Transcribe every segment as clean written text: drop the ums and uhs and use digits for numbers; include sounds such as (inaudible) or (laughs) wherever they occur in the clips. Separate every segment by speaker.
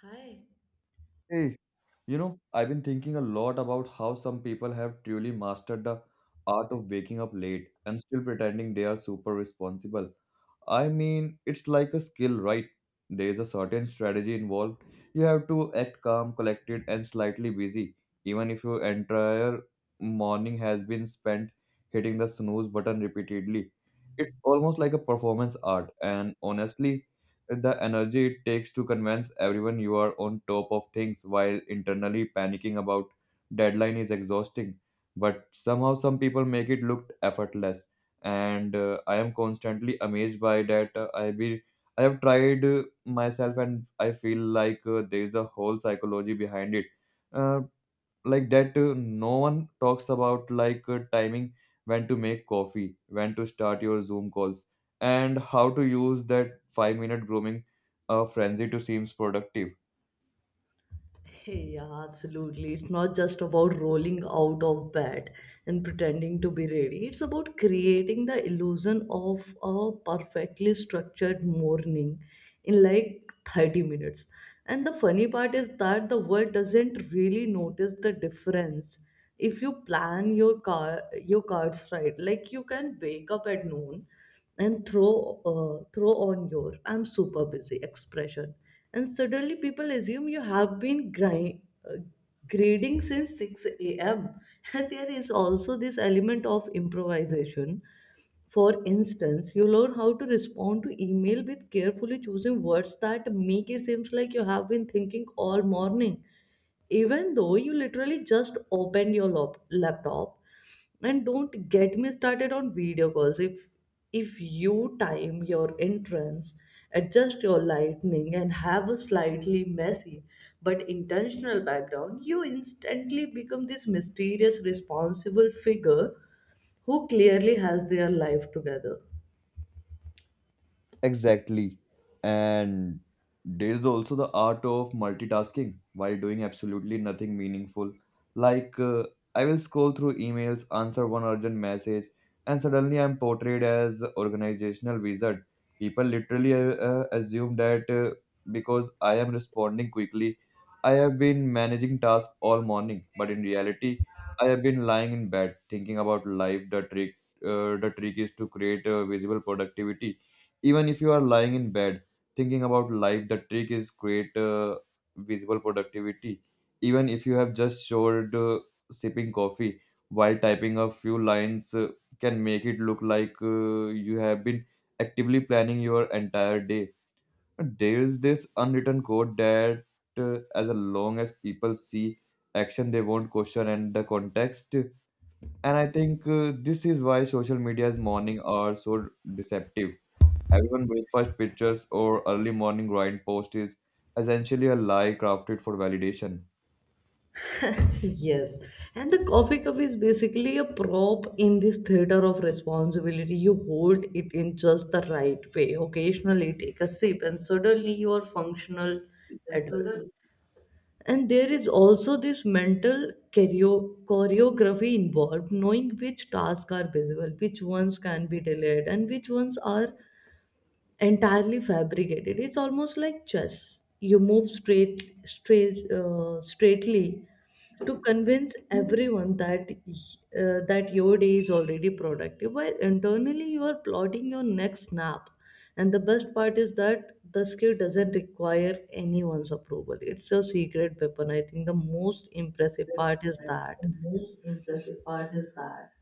Speaker 1: Hi.
Speaker 2: Hey, you know, I've been thinking a lot about how some people have truly mastered the art of waking up late and still pretending they are super responsible. I mean, it's like a skill, right? There is a certain strategy involved. You have to act calm, collected, and slightly busy, even if your entire morning has been spent hitting the snooze button repeatedly. It's almost like a performance art, and honestly, the energy it takes to convince everyone you are on top of things while internally panicking about deadline is exhausting, but somehow some people make it look effortless, and I am constantly amazed by that. I have tried myself, and I feel like there is a whole psychology behind it uh, like that no one talks about, like timing, when to make coffee, when to start your Zoom calls, and how to use that 5 minute grooming frenzy to seems productive.
Speaker 1: (laughs) Yeah, absolutely. It's not just about rolling out of bed and pretending to be ready. It's about creating the illusion of a perfectly structured morning in like 30 minutes. And the funny part is that the world doesn't really notice the difference if you plan your cards right. Like you can wake up at noon and throw on your "I'm super busy" expression, and suddenly people assume you have been uh, grading since 6 a.m. (laughs) And there is also this element of improvisation. For instance, you learn how to respond to email with carefully choosing words that make it seems like you have been thinking all morning even though you literally just opened your laptop. And don't get me started on video calls. If you time your entrance, adjust your lighting and have a slightly messy but intentional background, you instantly become this mysterious responsible figure who clearly has their life together.
Speaker 2: Exactly. And there is also the art of multitasking while doing absolutely nothing meaningful. Like, uh, I will scroll through emails, answer one urgent message, and suddenly I'm portrayed as organizational wizard. People literally assume that because I am responding quickly, I have been managing tasks all morning. But in reality, I have been lying in bed thinking about life. The trick is to create visible productivity even if you are lying in bed thinking about life. The trick is create visible productivity even if you have just showed sipping coffee while typing a few lines. Can make it look like you have been actively planning your entire day. There is this unwritten code that as long as people see action, they won't question and the context. And I think this is why social media's morning are so deceptive. Everyone breakfast pictures or early morning grind post is essentially a lie crafted for validation.
Speaker 1: Yes, and the coffee cup is basically a prop in this theater of responsibility. You hold it in just the right way, occasionally take a sip, and suddenly you are functional
Speaker 2: We
Speaker 1: adult.
Speaker 2: consider
Speaker 1: And there is also this mental choreography involved, knowing which tasks are visible, which ones can be delayed, and which ones are entirely fabricated. It's almost like chess. You move straightly to convince
Speaker 2: most
Speaker 1: everyone that that your day is already productive, while internally you are plotting your next nap. And the best part is that the skill doesn't require anyone's approval. It's a secret weapon. I think the most impressive part is
Speaker 2: preferred
Speaker 1: that
Speaker 2: and most impressive part is that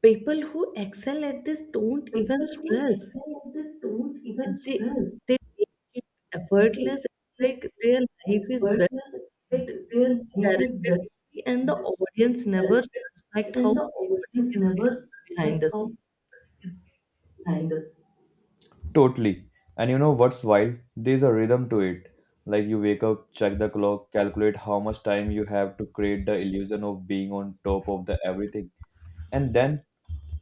Speaker 1: people who excel at this don't even
Speaker 2: people who
Speaker 1: stress.
Speaker 2: excel at this don't even
Speaker 1: They
Speaker 2: stress.
Speaker 1: they make it
Speaker 2: They
Speaker 1: effortless,
Speaker 2: like
Speaker 1: like their life is well
Speaker 2: worthless, like their behavior is better.
Speaker 1: directed, and the audience never suspect
Speaker 2: And
Speaker 1: how
Speaker 2: the
Speaker 1: chaotic
Speaker 2: audience
Speaker 1: is
Speaker 2: never
Speaker 1: behind
Speaker 2: suspect
Speaker 1: the
Speaker 2: how it
Speaker 1: scenes.
Speaker 2: is behind this. Totally. And you know what's wild? There's a rhythm to it. Like you wake up, check the clock, calculate how much time you have to create the illusion of being on top of the everything. And then,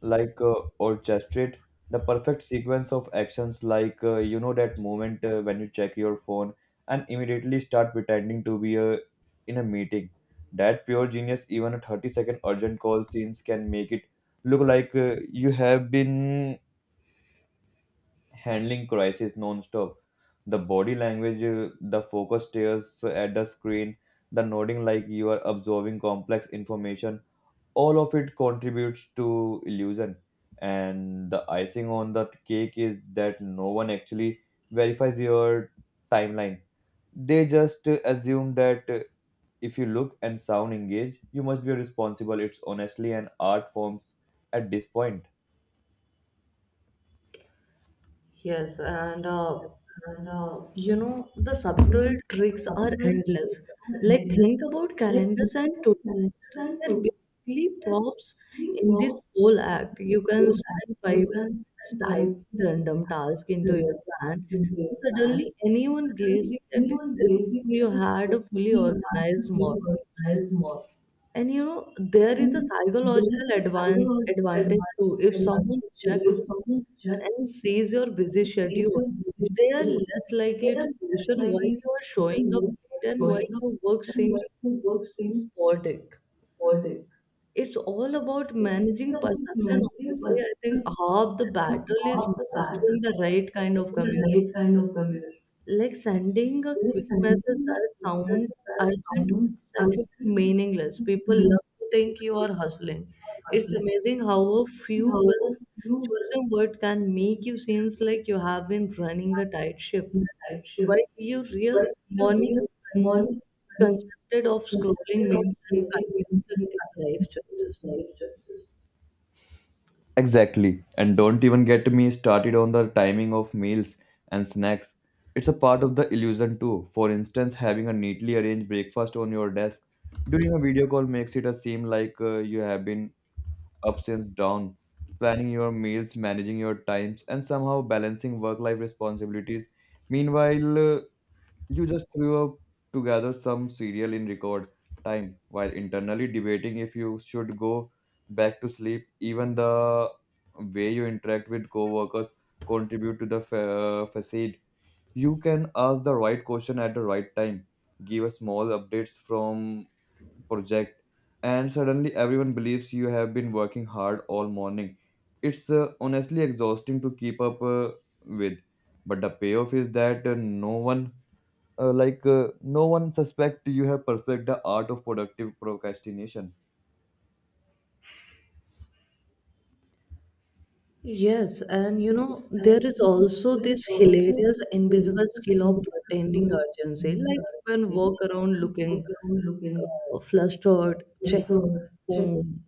Speaker 2: like uh, orchestrate the perfect sequence of actions, like you know that moment when you check your phone and immediately start pretending to be in a meeting. That pure genius, even a 30-second urgent call scenes can make it look like you have been handling crisis non-stop. The body language, the focus stares at the screen, the nodding like you are absorbing complex information, all of it contributes to illusion. And the icing on the cake is that no one actually verifies your timeline. They just assume that if you look and sound engaged, you must be responsible. It's honestly an art forms at this point.
Speaker 1: Yes, and
Speaker 2: No, no.
Speaker 1: You know, the
Speaker 2: You
Speaker 1: subtle
Speaker 2: know,
Speaker 1: tricks are
Speaker 2: summer
Speaker 1: endless.
Speaker 2: trips are
Speaker 1: Like,
Speaker 2: endless.
Speaker 1: think about
Speaker 2: Like think
Speaker 1: calendars and
Speaker 2: about
Speaker 1: to.
Speaker 2: calendars and
Speaker 1: They're
Speaker 2: to
Speaker 1: basically props
Speaker 2: feeling
Speaker 1: in
Speaker 2: forward
Speaker 1: this whole act. You
Speaker 2: so
Speaker 1: can
Speaker 2: that
Speaker 1: spend
Speaker 2: you
Speaker 1: five
Speaker 2: can
Speaker 1: minutes
Speaker 2: spend time
Speaker 1: typing random task into
Speaker 2: in
Speaker 1: your
Speaker 2: the
Speaker 1: plan,
Speaker 2: past in your
Speaker 1: and
Speaker 2: plan.
Speaker 1: suddenly anyone
Speaker 2: Suddenly,
Speaker 1: glazing at it
Speaker 2: anyone gazing
Speaker 1: assume you
Speaker 2: at
Speaker 1: had
Speaker 2: you
Speaker 1: a fully
Speaker 2: feel
Speaker 1: organized
Speaker 2: another feel
Speaker 1: morning.
Speaker 2: worthwhile more.
Speaker 1: And you know, there
Speaker 2: I
Speaker 1: is a
Speaker 2: mean, there
Speaker 1: psychological
Speaker 2: is a psychological
Speaker 1: advantage
Speaker 2: advantage
Speaker 1: too. If
Speaker 2: advantage
Speaker 1: someone
Speaker 2: too.
Speaker 1: checks
Speaker 2: If someone just
Speaker 1: and sees your busy
Speaker 2: sees
Speaker 1: schedule,
Speaker 2: your
Speaker 1: they are
Speaker 2: decision,
Speaker 1: less
Speaker 2: yeah,
Speaker 1: likely to
Speaker 2: that's
Speaker 1: question
Speaker 2: like
Speaker 1: why
Speaker 2: the
Speaker 1: you are
Speaker 2: people
Speaker 1: showing up
Speaker 2: move for
Speaker 1: late and why
Speaker 2: showing up
Speaker 1: your work
Speaker 2: and why
Speaker 1: seems
Speaker 2: the work seems
Speaker 1: sporadic.
Speaker 2: robotic.
Speaker 1: It's all about
Speaker 2: It's
Speaker 1: managing
Speaker 2: all about
Speaker 1: perception,
Speaker 2: managing
Speaker 1: honestly. I think
Speaker 2: perceptions
Speaker 1: half the battle
Speaker 2: and
Speaker 1: is
Speaker 2: how the pattern
Speaker 1: mastering the
Speaker 2: is
Speaker 1: right kind of
Speaker 2: in the
Speaker 1: communication.
Speaker 2: right kind of a mirror.
Speaker 1: Like sending a
Speaker 2: There
Speaker 1: quick
Speaker 2: is sending
Speaker 1: message
Speaker 2: the
Speaker 1: that
Speaker 2: pictures
Speaker 1: sounds
Speaker 2: that are
Speaker 1: urgent
Speaker 2: common
Speaker 1: is actually
Speaker 2: outfit
Speaker 1: meaningless. People
Speaker 2: when
Speaker 1: love to
Speaker 2: you
Speaker 1: think you are hustling.
Speaker 2: are
Speaker 1: It's
Speaker 2: hustling.
Speaker 1: amazing how
Speaker 2: It's
Speaker 1: a few
Speaker 2: how
Speaker 1: well
Speaker 2: of you feel
Speaker 1: chosen word can make you seems like you have been running a tight
Speaker 2: in
Speaker 1: ship.
Speaker 2: the right shift.
Speaker 1: While your
Speaker 2: When
Speaker 1: real
Speaker 2: you
Speaker 1: morning
Speaker 2: real
Speaker 1: con-
Speaker 2: money con-
Speaker 1: consisted of scrolling
Speaker 2: consisted of
Speaker 1: memes and
Speaker 2: solely wins and
Speaker 1: contemplative life
Speaker 2: unpredictable
Speaker 1: choices.
Speaker 2: life choices. Exactly. And don't even get me started on the timing of meals and snacks. It's a part of the illusion too. For instance, having a neatly arranged breakfast on your desk during a video call makes it a seem like you have been up since dawn, planning your meals, managing your times, and somehow balancing work life responsibilities. Meanwhile, you just threw up together some cereal in record time while internally debating if you should go back to sleep. Even the way you interact with coworkers contribute to the facade. You can ask the right question at the right time, give a small updates from project, and suddenly everyone believes you have been working hard all morning. It's honestly exhausting to keep up with, but the payoff is that no one no one suspect you have perfect the art of productive procrastination.
Speaker 1: Yes, and you know, there is also this hilarious invisible skill of pretending urgency. Like you can walk around looking flustered, checking phone,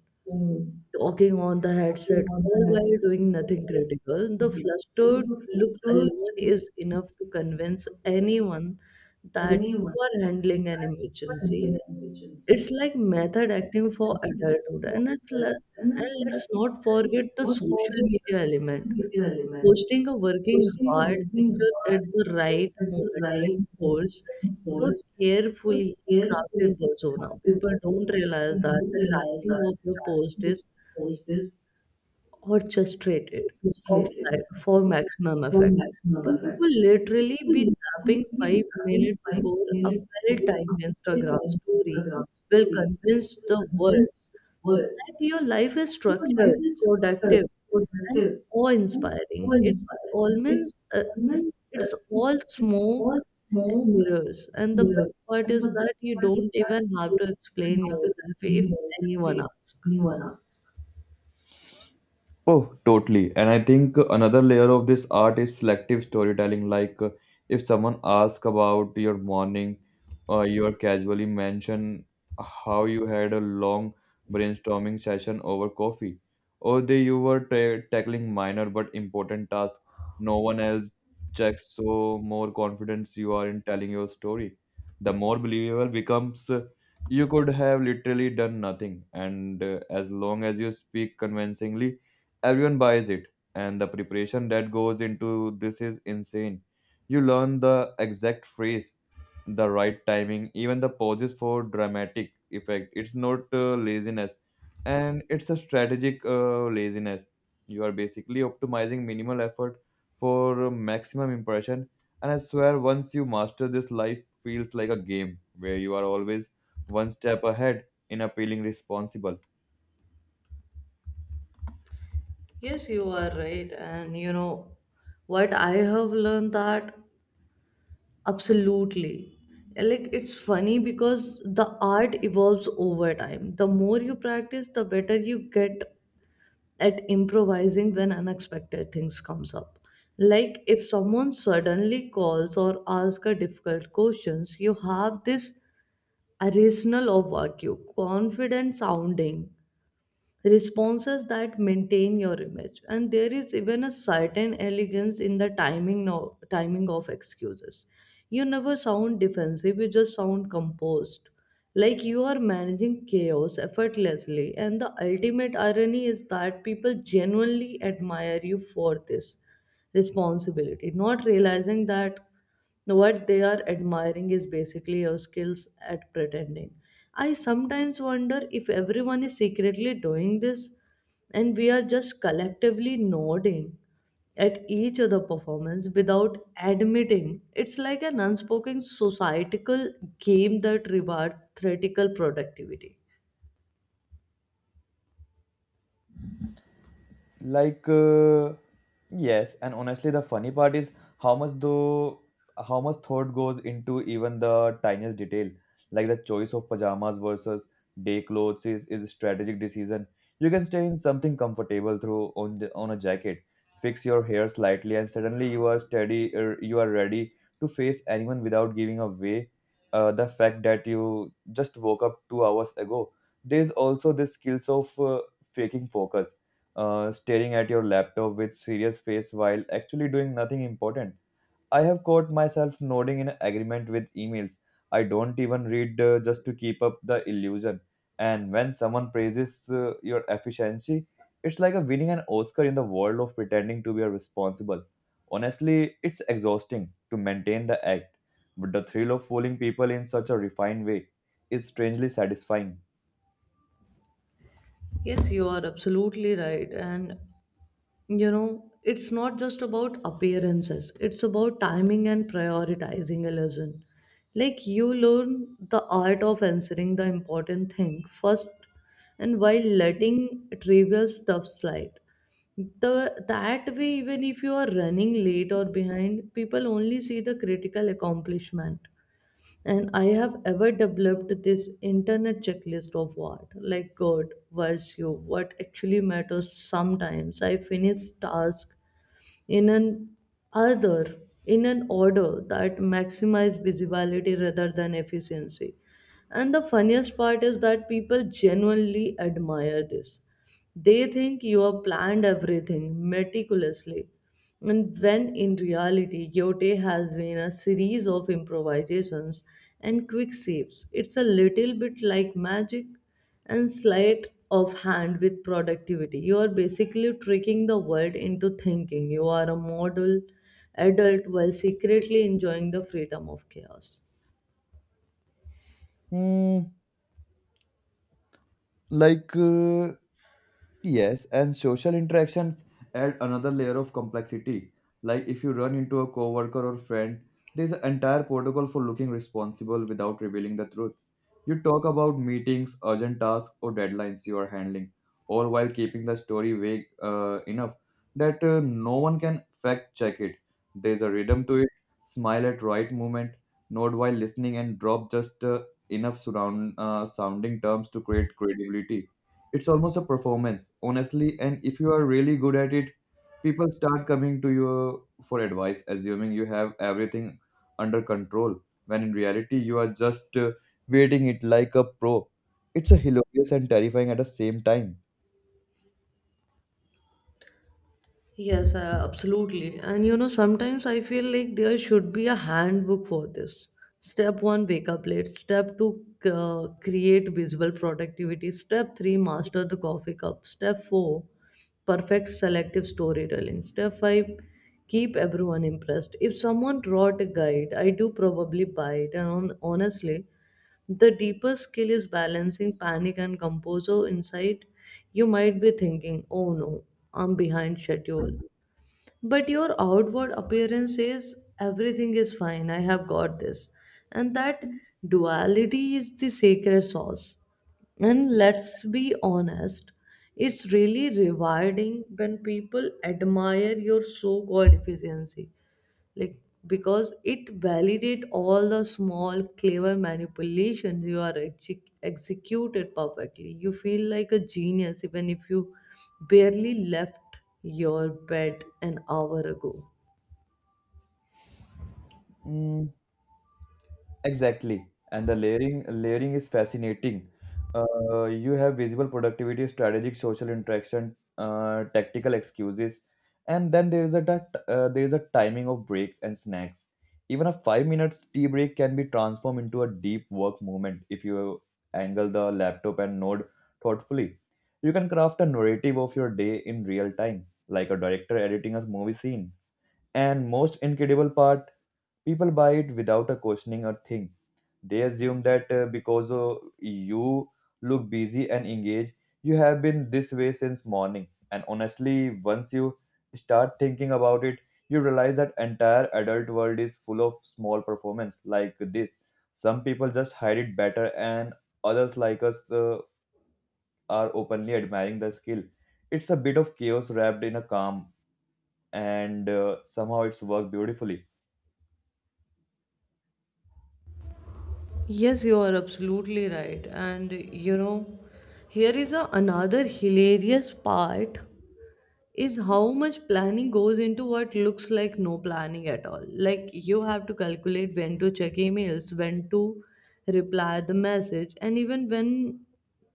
Speaker 1: talking on the headset, all while doing nothing critical. The flustered look alone is enough to convince anyone that you are handling an emergency. It's like method acting for adulthood, and and let's not forget the social media element. Posting a working
Speaker 2: Pushing a
Speaker 1: hard
Speaker 2: moving
Speaker 1: picture at
Speaker 2: heart
Speaker 1: the right
Speaker 2: at the
Speaker 1: moment
Speaker 2: right
Speaker 1: reinforces
Speaker 2: moment
Speaker 1: your
Speaker 2: holds so
Speaker 1: carefully
Speaker 2: carefully
Speaker 1: crafted persona.
Speaker 2: crafted
Speaker 1: People
Speaker 2: effort.
Speaker 1: don't realize
Speaker 2: You
Speaker 1: that
Speaker 2: do
Speaker 1: the
Speaker 2: realize
Speaker 1: timing
Speaker 2: that
Speaker 1: of your
Speaker 2: starting
Speaker 1: post
Speaker 2: with
Speaker 1: is
Speaker 2: the post is
Speaker 1: orchestrated
Speaker 2: frustrated
Speaker 1: for maximum
Speaker 2: for
Speaker 1: effect.
Speaker 2: maximum
Speaker 1: And you
Speaker 2: effect.
Speaker 1: will literally
Speaker 2: People
Speaker 1: be
Speaker 2: usually
Speaker 1: napping
Speaker 2: be
Speaker 1: five
Speaker 2: grabbing
Speaker 1: minutes
Speaker 2: five
Speaker 1: before a
Speaker 2: minutes to do a
Speaker 1: well-timed Instagram
Speaker 2: full-time
Speaker 1: story
Speaker 2: Instagram
Speaker 1: will
Speaker 2: story
Speaker 1: convince
Speaker 2: to
Speaker 1: the world
Speaker 2: convince the world,
Speaker 1: that your life is
Speaker 2: you know,
Speaker 1: structured,
Speaker 2: life is shorter,
Speaker 1: productive, and
Speaker 2: productive, and more
Speaker 1: awe-inspiring. It's
Speaker 2: inspiring. If
Speaker 1: almost uh, it's,
Speaker 2: government uh,
Speaker 1: it's
Speaker 2: is,
Speaker 1: all
Speaker 2: is all
Speaker 1: smoke and
Speaker 2: more
Speaker 1: mirrors. And the
Speaker 2: clear,
Speaker 1: best part
Speaker 2: and the
Speaker 1: is that
Speaker 2: best
Speaker 1: you
Speaker 2: part is
Speaker 1: don't
Speaker 2: that
Speaker 1: even
Speaker 2: you
Speaker 1: have to
Speaker 2: don't
Speaker 1: explain
Speaker 2: have to
Speaker 1: yourself if
Speaker 2: explain it
Speaker 1: anyone
Speaker 2: to
Speaker 1: asks.
Speaker 2: anyone else. Oh, totally. And I think another layer of this art is selective storytelling. If someone asks about your morning, you are casually mention how you had a long brainstorming session over coffee, or that you were ta tackling minor but important tasks no one else checks. So, more confidence you are in telling your story, the more believable becomes. You could have literally done nothing, and as long as you speak convincingly, everyone buys it. And the preparation that goes into this is insane. You learn the exact phrase, the right timing, even the pauses for dramatic effect. It's not laziness, and it's a strategic laziness. You are basically optimizing minimal effort for maximum impression, and I swear once you master this, life feels like a game where you are always one step ahead in appealing responsible.
Speaker 1: Yes, you are right. And you know what I have learned, that absolutely. Like it's funny because the art evolves over time. The more you practice, the better you get at improvising when unexpected things comes up. Like if someone suddenly calls or asks a difficult questions, you have this arsenal of vague confident sounding responses that maintain your image. And there is even a certain elegance in the timing of excuses. You never sound defensive, you just sound composed, like you are managing chaos effortlessly. And the ultimate irony is that people genuinely admire you for this responsibility, not realizing that what they are admiring is basically your skills at pretending. I sometimes wonder if everyone is secretly doing this and we are just collectively nodding at each other performance without admitting it's like an unspoken societal game that rewards theoretical productivity.
Speaker 2: Like, uh, yes, and honestly, the funny part is how much though, how much thought goes into even the tiniest detail. Like the choice of pajamas versus day clothes is a strategic decision. You can stay in something comfortable through on the, on a jacket, fix your hair slightly, and suddenly you are steady. You are ready to face anyone without giving away the fact that you just woke up 2 hours ago. There's also the skills of faking focus, staring at your laptop with serious face while actually doing nothing important. I have caught myself nodding in agreement with emails. I don't even read just to keep up the illusion. And when someone praises your efficiency, it's like a winning an Oscar in the world of pretending to be responsible. Honestly, it's exhausting to maintain the act, but the thrill of fooling people in such a refined way is strangely satisfying.
Speaker 1: Yes, you are absolutely right, and you know, it's not just about appearances, it's about timing and prioritizing a lesson. Like you learn the art of answering the important thing first, and while letting trivial stuff slide, the that way even if you are running late or behind, people only see the critical accomplishment. And I have ever developed this internet checklist of what, like good, virtue, what actually matters. Sometimes I finish task in an other in an order that maximize visibility rather than efficiency. And the funniest part is that people genuinely admire this. They think you have planned everything meticulously, and when in reality yote has been a series of improvisations and quick saves. It's a little bit like magic and sleight of hand with productivity. You are basically tricking the world into thinking you are a model adult while secretly enjoying the freedom of chaos.
Speaker 2: Hmm, like uh, yes, and social interactions add another layer of complexity. Like if you run into a coworker or friend, there's an entire protocol for looking responsible without revealing the truth. You talk about meetings, urgent tasks, or deadlines you are handling, all while keeping the story vague enough that no one can fact check it. There's a rhythm to it. Smile at right moment, nod while listening, and drop just enough surround sounding terms to create credibility. It's almost a performance, honestly. And if you are really good at it, people start coming to you for advice, assuming you have everything under control, when in reality, you are just waiting it like a pro. It's a hilarious and terrifying at the same time.
Speaker 1: Yes, Absolutely. And you know, sometimes I feel like there should be a handbook for this. Step one, wake up late. Step two, create visual productivity. Step three, master the coffee cup. Step four, perfect selective storytelling. Step five, keep everyone impressed. If someone wrote a guide, I do probably buy it. And honestly, the deeper skill is balancing panic and composure inside. You might be thinking, oh no, I'm behind schedule, but your outward appearance says everything is fine, I have got this. And that duality is the sacred sauce. And let's be honest, it's really rewarding when people admire your so called efficiency, like, because it validate all the small clever manipulations you are executed perfectly. You feel like a genius even if you barely left your bed an hour ago.
Speaker 2: Mm, exactly. And the layering is fascinating. You have visible productivity, strategic social interaction, tactical excuses, and then there is a timing of breaks and snacks. Even a 5 minutes tea break can be transformed into a deep work moment if you angle the laptop and node thoughtfully. You can craft a narrative of your day in real time, like a director editing a movie scene. And most incredible part, people buy it without a questioning a thing. They assume that because you look busy and engaged, you have been this way since morning. And honestly, once you start thinking about it, you realize that entire adult world is full of small performance like this. Some people just hide it better, and others like us are openly admiring the skill. It's a bit of chaos wrapped in a calm, and somehow it's worked beautifully.
Speaker 1: Yes, you are absolutely right, and you know, here is another hilarious part, is how much planning goes into what looks like no planning at all. Like you have to calculate when to check emails, when to reply the message, and even when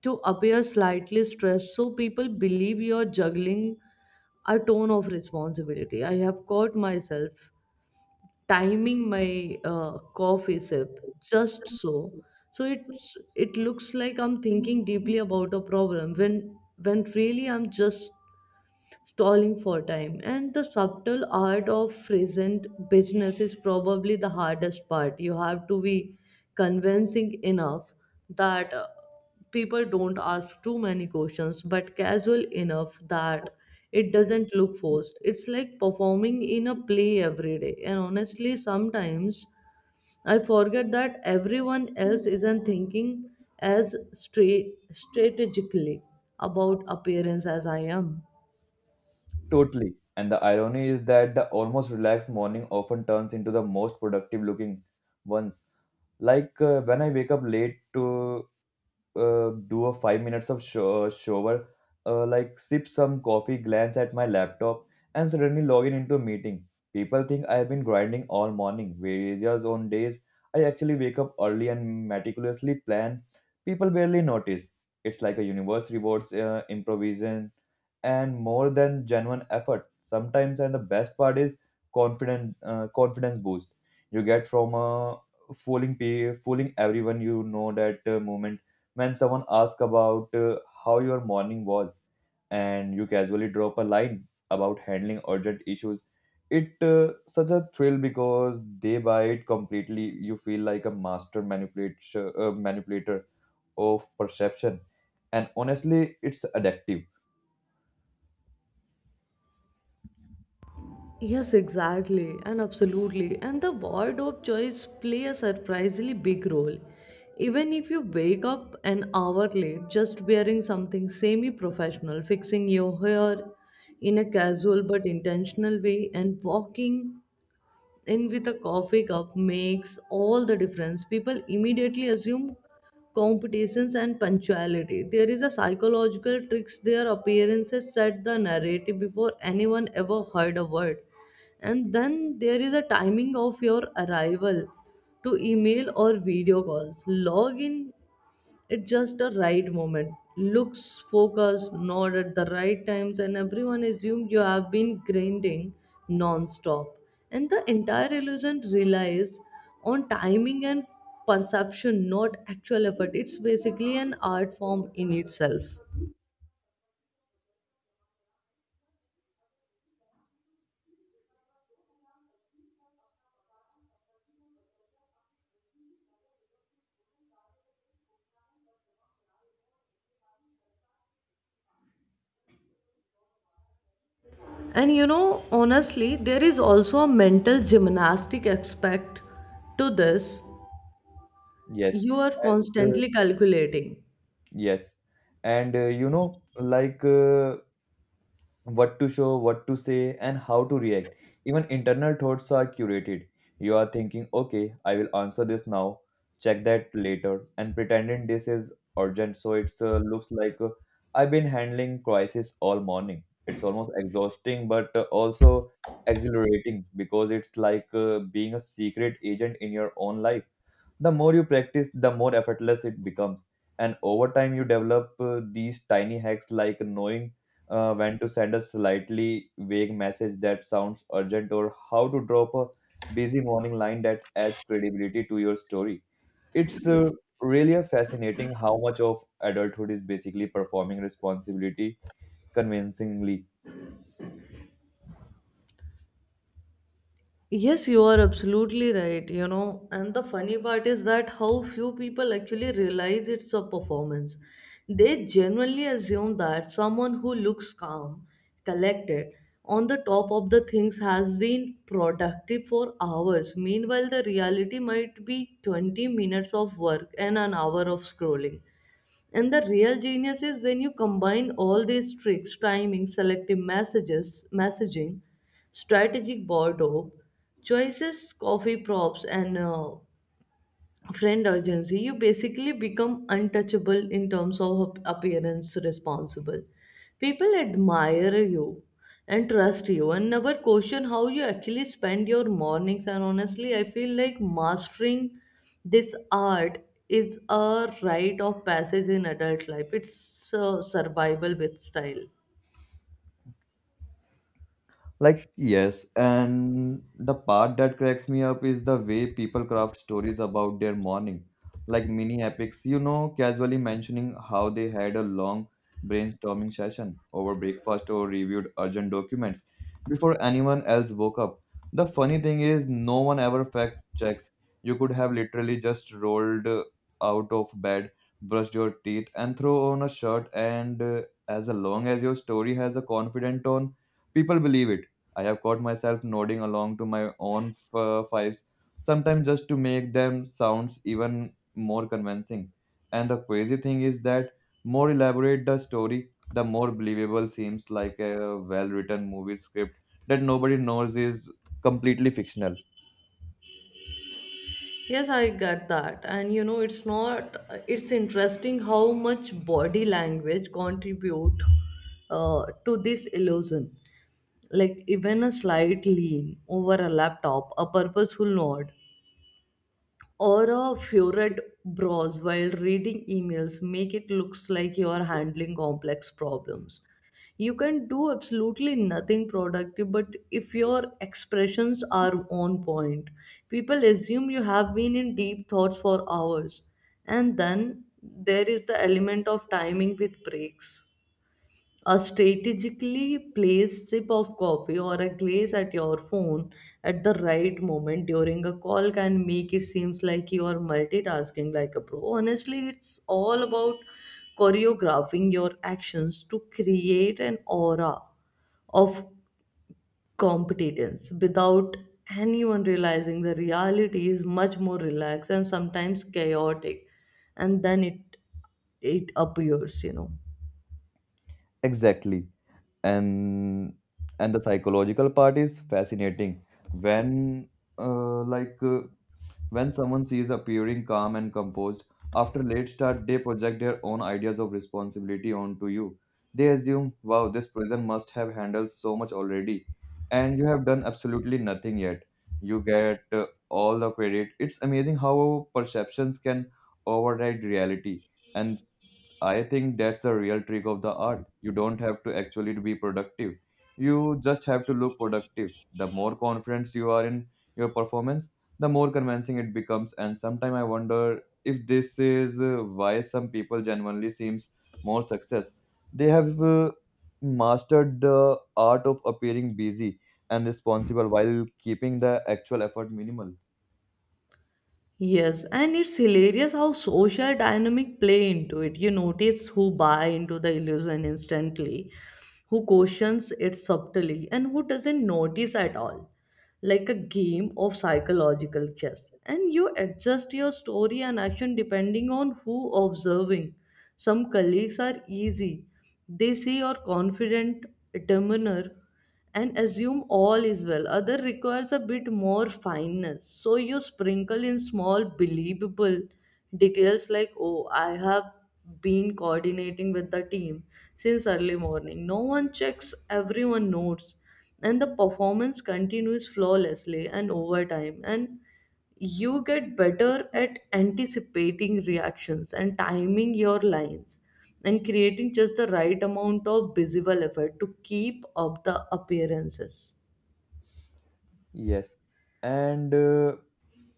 Speaker 1: to appear slightly stressed so people believe you're juggling a tone of responsibility. I have caught myself timing my coffee sip just so it's it looks like I'm thinking deeply about a problem when really I'm just stalling for time. And the subtle art of present business is probably the hardest part. You have to be convincing enough that people don't ask too many questions but casual enough that it doesn't look forced. It's like performing in a play every day, and honestly sometimes I forget that everyone else isn't thinking as straight strategically about appearance as I am.
Speaker 2: Totally. And the irony is that the almost relaxed morning often turns into the most productive looking ones. When I wake up late to do a 5 minutes of shower, like sip some coffee, glance at my laptop, and suddenly log in into a meeting. People think I have been grinding all morning. Whereas on days I actually wake up early and meticulously plan, people barely notice. It's like a universe rewards improvisation and more than genuine effort. Sometimes, and the best part is confident confidence boost you get from fooling everyone, you know that moment when someone asks about how your morning was, and you casually drop a line about handling urgent issues. It such a thrill because they buy it completely. You feel like a master manipulator manipulator of perception, and honestly it's addictive.
Speaker 1: Yes, exactly, and absolutely. And the wardrobe choice play a surprisingly big role. Even if you wake up an hour late, just wearing something semi-professional, fixing your hair in a casual but intentional way, and walking in with a coffee cup makes all the difference. People immediately assume competitions and punctuality. There is a psychological tricks. Their appearances set the narrative before anyone ever heard a word. And then there is a timing of your arrival to email or video calls. Log in it's just a right moment. Looks focused, nod at the right times, and everyone assumes you have been grinding non-stop. And the entire illusion relies on timing and perception, not actual effort. It's basically an art form in itself. And you know, honestly, there is also a mental gymnastic aspect to this.
Speaker 2: Yes.
Speaker 1: You are
Speaker 2: and
Speaker 1: constantly calculating.
Speaker 2: yes. and you know like What to show, what to say, and how to react. Even internal thoughts are curated. You are thinking, okay, I will answer this now, check that later, and pretending this is urgent. So it looks like I've been handling crisis all morning. It's almost exhausting, but also exhilarating because it's like being a secret agent in your own life. The more you practice, the more effortless it becomes. And over time, you develop these tiny hacks, like knowing when to send a slightly vague message that sounds urgent, or how to drop a busy morning line that adds credibility to your story. It's really a fascinating how much of adulthood is basically performing responsibility convincingly.
Speaker 1: Yes, you are absolutely right, you know. And the funny part is that how few people actually realize it's a performance. They generally assume that someone who looks calm, collected, on the top of the things has been productive for hours. Meanwhile, the reality might be 20 minutes of work and an hour of scrolling. And the real genius is when you combine all these tricks, timing, selective messaging, strategic board op, choices, coffee props, and friend urgency. You basically become untouchable in terms of appearance responsible. People admire you and trust you and never question how you actually spend your mornings. And honestly I feel like mastering this art is a rite of passage in adult life. It's survival with style.
Speaker 2: Like, yes, and the part that cracks me up is the way people craft stories about their morning, like mini epics, you know, casually mentioning how they had a long brainstorming session over breakfast, or reviewed urgent documents before anyone else woke up. The funny thing is, no one ever fact checks. You could have literally just rolled out of bed, brushed your teeth, and throw on a shirt, and as long as your story has a confident tone, people believe it. I have caught myself nodding along to my own fives, sometimes just to make them sounds even more convincing. And the crazy thing is that more elaborate the story, the more believable seems like a well-written movie script that nobody knows is completely fictional.
Speaker 1: Yes, I get that. And you know, it's not, it's interesting how much body language contribute to this illusion. Like even a slight lean over a laptop, a purposeful nod, or a furrowed brows while reading emails make it looks like you are handling complex problems. You can do absolutely nothing productive, but if your expressions are on point, people assume you have been in deep thoughts for hours. And then there is the element of timing with breaks. A strategically placed sip of coffee or a glaze at your phone at the right moment during a call can make it seems like you are multitasking like a pro. Honestly, it's all about choreographing your actions to create an aura of competence without anyone realizing the reality is much more relaxed and sometimes chaotic. And then it appears,
Speaker 2: Exactly. and and the psychological part is fascinating when uh, like uh, when someone sees appearing calm and composed after late start, they project their own ideas of responsibility onto you. They assume, wow, this prison must have handled so much already, and you have done absolutely nothing yet. You get all the credit. It's amazing how perceptions can override reality. And I think that's the real trick of the art. You don't have to actually be productive. You just have to look productive. The more confident you are in your performance, the more convincing it becomes. And sometimes I wonder if this is why some people genuinely seems more success. They have mastered the art of appearing busy and responsible while keeping the actual effort minimal.
Speaker 1: Yes, and it's hilarious how social dynamic play into it. You notice who buy into the illusion instantly, who questions it subtly, and who doesn't notice at all. Like a game of psychological chess. And you adjust your story and action depending on who observing. Some colleagues are easy. They see your confident demeanor and assume all is well. Other requires a bit more fineness. So you sprinkle in small believable details like, oh, I have been coordinating with the team since early morning. No one checks, everyone notes. And the performance continues flawlessly and over time. And you get better at anticipating reactions and timing your lines and creating just the right amount of visual effort to keep up the appearances.
Speaker 2: Yes. And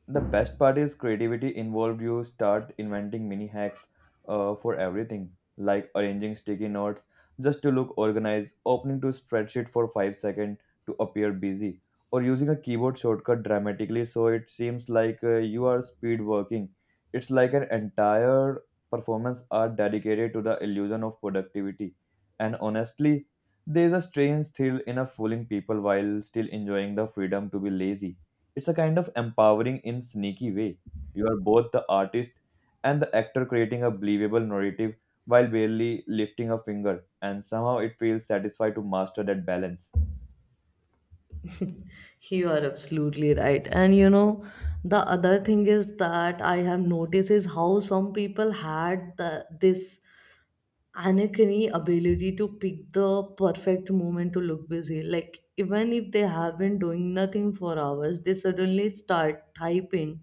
Speaker 2: the best part is creativity involved. You start inventing mini hacks for everything, like arranging sticky notes just to look organized, opening to spreadsheet for 5 seconds to appear busy, or using a keyboard shortcut dramatically so it seems like you are speed working. It's like an entire performance art dedicated to the illusion of productivity. And honestly, there's a strange thrill in a fooling people while still enjoying the freedom to be lazy. It's a kind of empowering in sneaky way. You are both the artist and the actor, creating a believable narrative while barely lifting a finger, and somehow it feels satisfied to master that balance.
Speaker 1: (laughs) You are absolutely right. And you know, the other thing is that I have noticed is how some people had this uncanny ability to pick the perfect moment to look busy. Like, even if they have been doing nothing for hours, they suddenly start typing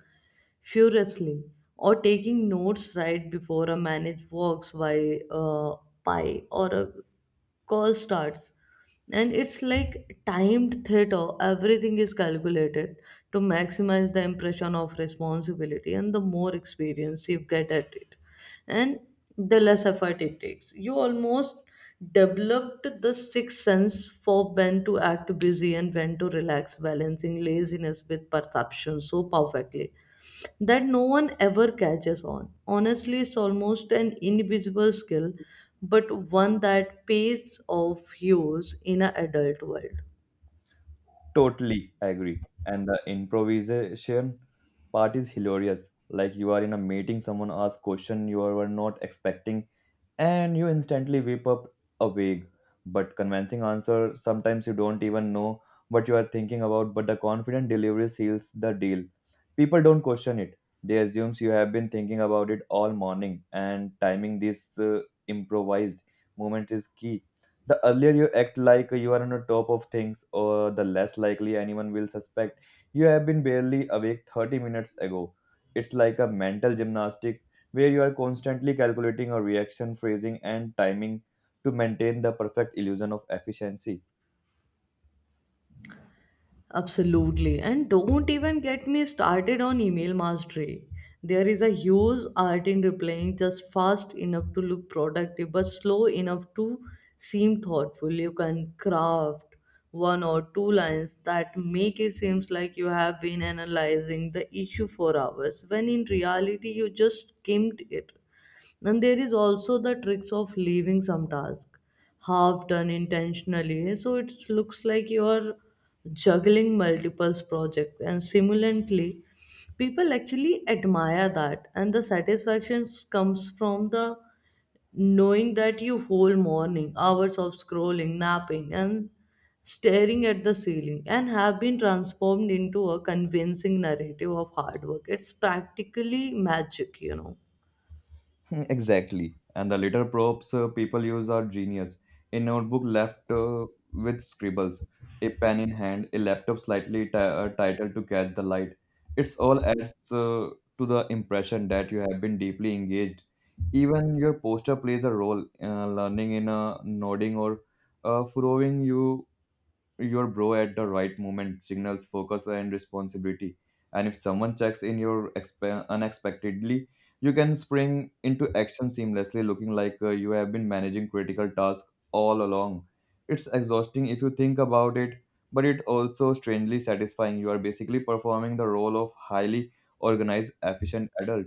Speaker 1: furiously or taking notes right before a managed works by pie or a call starts. And it's like timed theater. Everything is calculated to maximize the impression of responsibility, and the more experience you get at it and the less effort it takes, you almost developed the sixth sense for when to act busy and when to relax, balancing laziness with perception so perfectly that no one ever catches on. Honestly, it's almost an invisible skill, but one that pays off huge in an adult world.
Speaker 2: Totally agree. And the improvisation part is hilarious. Like, you are in a meeting, someone asks question you were not expecting, and you instantly whip up a vague but convincing answer. Sometimes you don't even know what you are thinking about, but the confident delivery seals the deal. People don't question it. They assume you have been thinking about it all morning, and timing this improvised moment is key. The earlier you act like you are on the top of things, or the less likely anyone will suspect you have been barely awake 30 minutes ago. It's like a mental gymnastic where you are constantly calculating a reaction, phrasing, and timing to maintain the perfect illusion of efficiency.
Speaker 1: Absolutely. And don't even get me started on email mastery. There is a huge art in replying just fast enough to look productive, but slow enough to seem thoughtful. You can craft one or two lines that make it seems like you have been analyzing the issue for hours, when in reality you just skimmed it. And there is also the tricks of leaving some task half done intentionally, so it looks like you are juggling multiple projects. And simultaneously, people actually admire that, and the satisfaction comes from the knowing that you whole morning hours of scrolling, napping, and staring at the ceiling and have been transformed into a convincing narrative of hard work. It's practically magic, you know.
Speaker 2: (laughs) Exactly. And the little props people use are genius. A notebook left with scribbles, a pen in hand, a laptop slightly titled to catch the light. It's all adds to the impression that you have been deeply engaged. Even your poster plays a role, learning in a nodding or furrowing your bro at the right moment signals focus and responsibility. And if someone checks in your unexpectedly, you can spring into action seamlessly, looking like you have been managing critical tasks all along. It's exhausting if you think about it, but it also strangely satisfying. You are basically performing the role of highly organized efficient adult,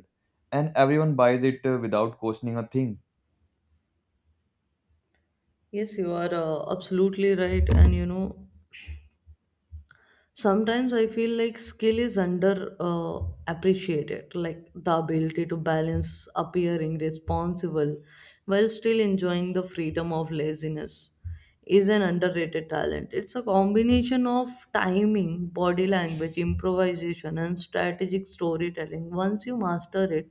Speaker 2: and everyone buys it without questioning a thing.
Speaker 1: Yes, you are absolutely right. And you know, sometimes I feel like skill is under appreciated, like the ability to balance appearing responsible while still enjoying the freedom of laziness is an underrated talent. It's a combination of timing, body language, improvisation, and strategic storytelling. Once you master it,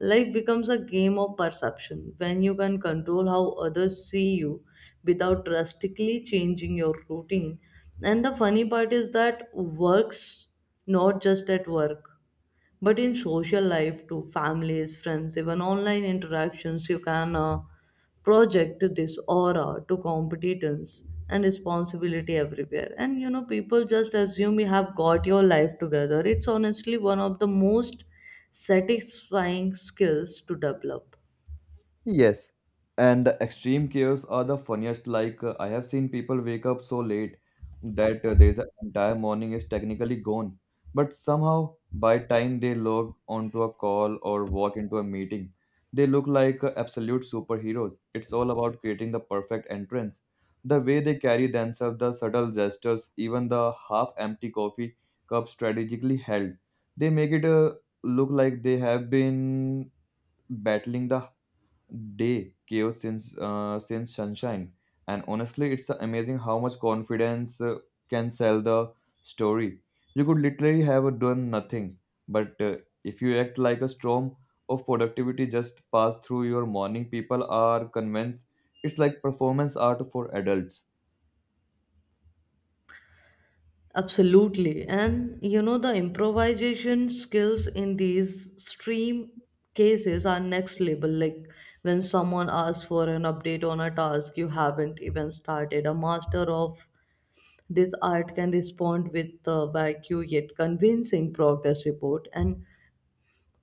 Speaker 1: life becomes a game of perception when you can control how others see you without drastically changing your routine. And the funny part is that works not just at work, but in social life too, families, friends, even online interactions. You can project this aura to competence and responsibility everywhere. And you know, people just assume you have got your life together. It's honestly one of the most satisfying skills to develop.
Speaker 2: Yes, and the extreme chaos are the funniest. Like, I have seen people wake up so late that their entire morning is technically gone, but somehow by time they log onto a call or walk into a meeting, they look like absolute superheroes. It's all about creating the perfect entrance. The way they carry themselves, the subtle gestures, even the half-empty coffee cup strategically held, they make it look like they have been battling the day chaos since sunshine. And honestly, it's amazing how much confidence can sell the story. You could literally have done nothing, but if you act like a storm of productivity just pass through your morning, people are convinced. It's like performance art for adults.
Speaker 1: Absolutely. And you know, the improvisation skills in these stream cases are next level. Like when someone asks for an update on a task you haven't even started, a master of this art can respond with a vague yet convincing progress report and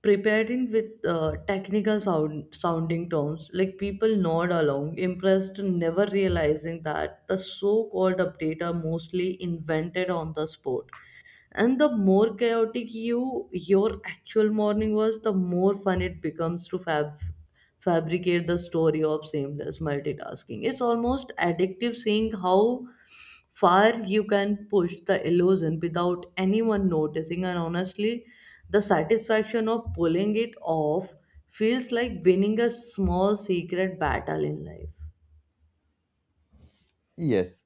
Speaker 1: preparing with technical sounding terms, like people nod along impressed, never realizing that the so-called update are mostly invented on the spot. And the more chaotic your actual morning was, the more fun it becomes to fabricate the story of seamless multitasking. It's almost addictive seeing how far you can push the illusion without anyone noticing. And honestly, the satisfaction of pulling it off feels like winning a small secret battle in life.
Speaker 2: Yes.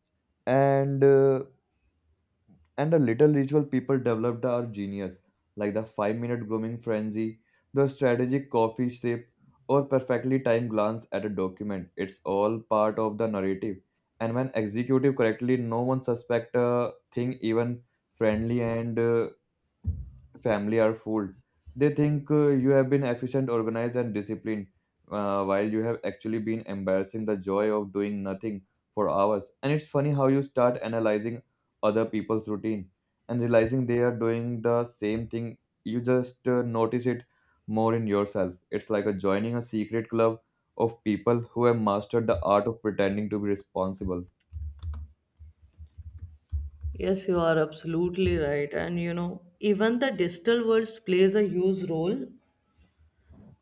Speaker 2: and uh, And the little ritual people developed are genius, like the 5-minute minute grooming frenzy, the strategic coffee sip, or perfectly timed glance at a document. It's all part of the narrative. And when executed correctly, no one suspects a thing. Even friendly and family are fooled. They think you have been efficient, organized, and disciplined, while you have actually been embarrassing the joy of doing nothing for hours. And it's funny how you start analyzing other people's routine and realizing they are doing the same thing. You just notice it more in yourself. It's like a joining a secret club of people who have mastered the art of pretending to be responsible.
Speaker 1: Yes, you are absolutely right. And you know, even the digital world plays a huge role.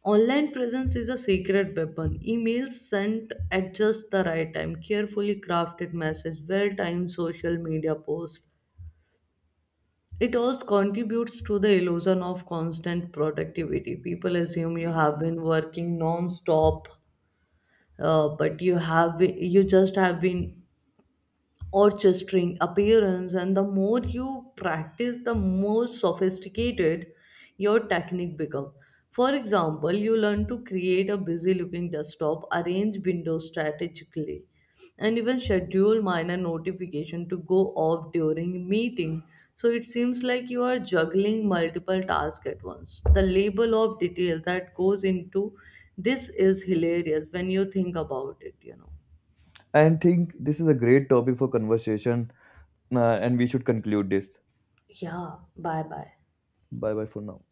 Speaker 1: Online presence is a secret weapon. Emails sent at just the right time, carefully crafted message, well-timed social media post. It all contributes to the illusion of constant productivity. People assume you have been working non-stop, but you just have been orchestering appearance. And the more you practice, the more sophisticated your technique becomes. For example, you learn to create a busy looking desktop, arrange windows strategically, and even schedule minor notification to go off during meeting, so it seems like you are juggling multiple tasks at once. The level of detail that goes into this is hilarious when you think about it, you know.
Speaker 2: I think this is a great topic for conversation, and we should conclude this.
Speaker 1: Yeah, bye bye.
Speaker 2: Bye bye for now.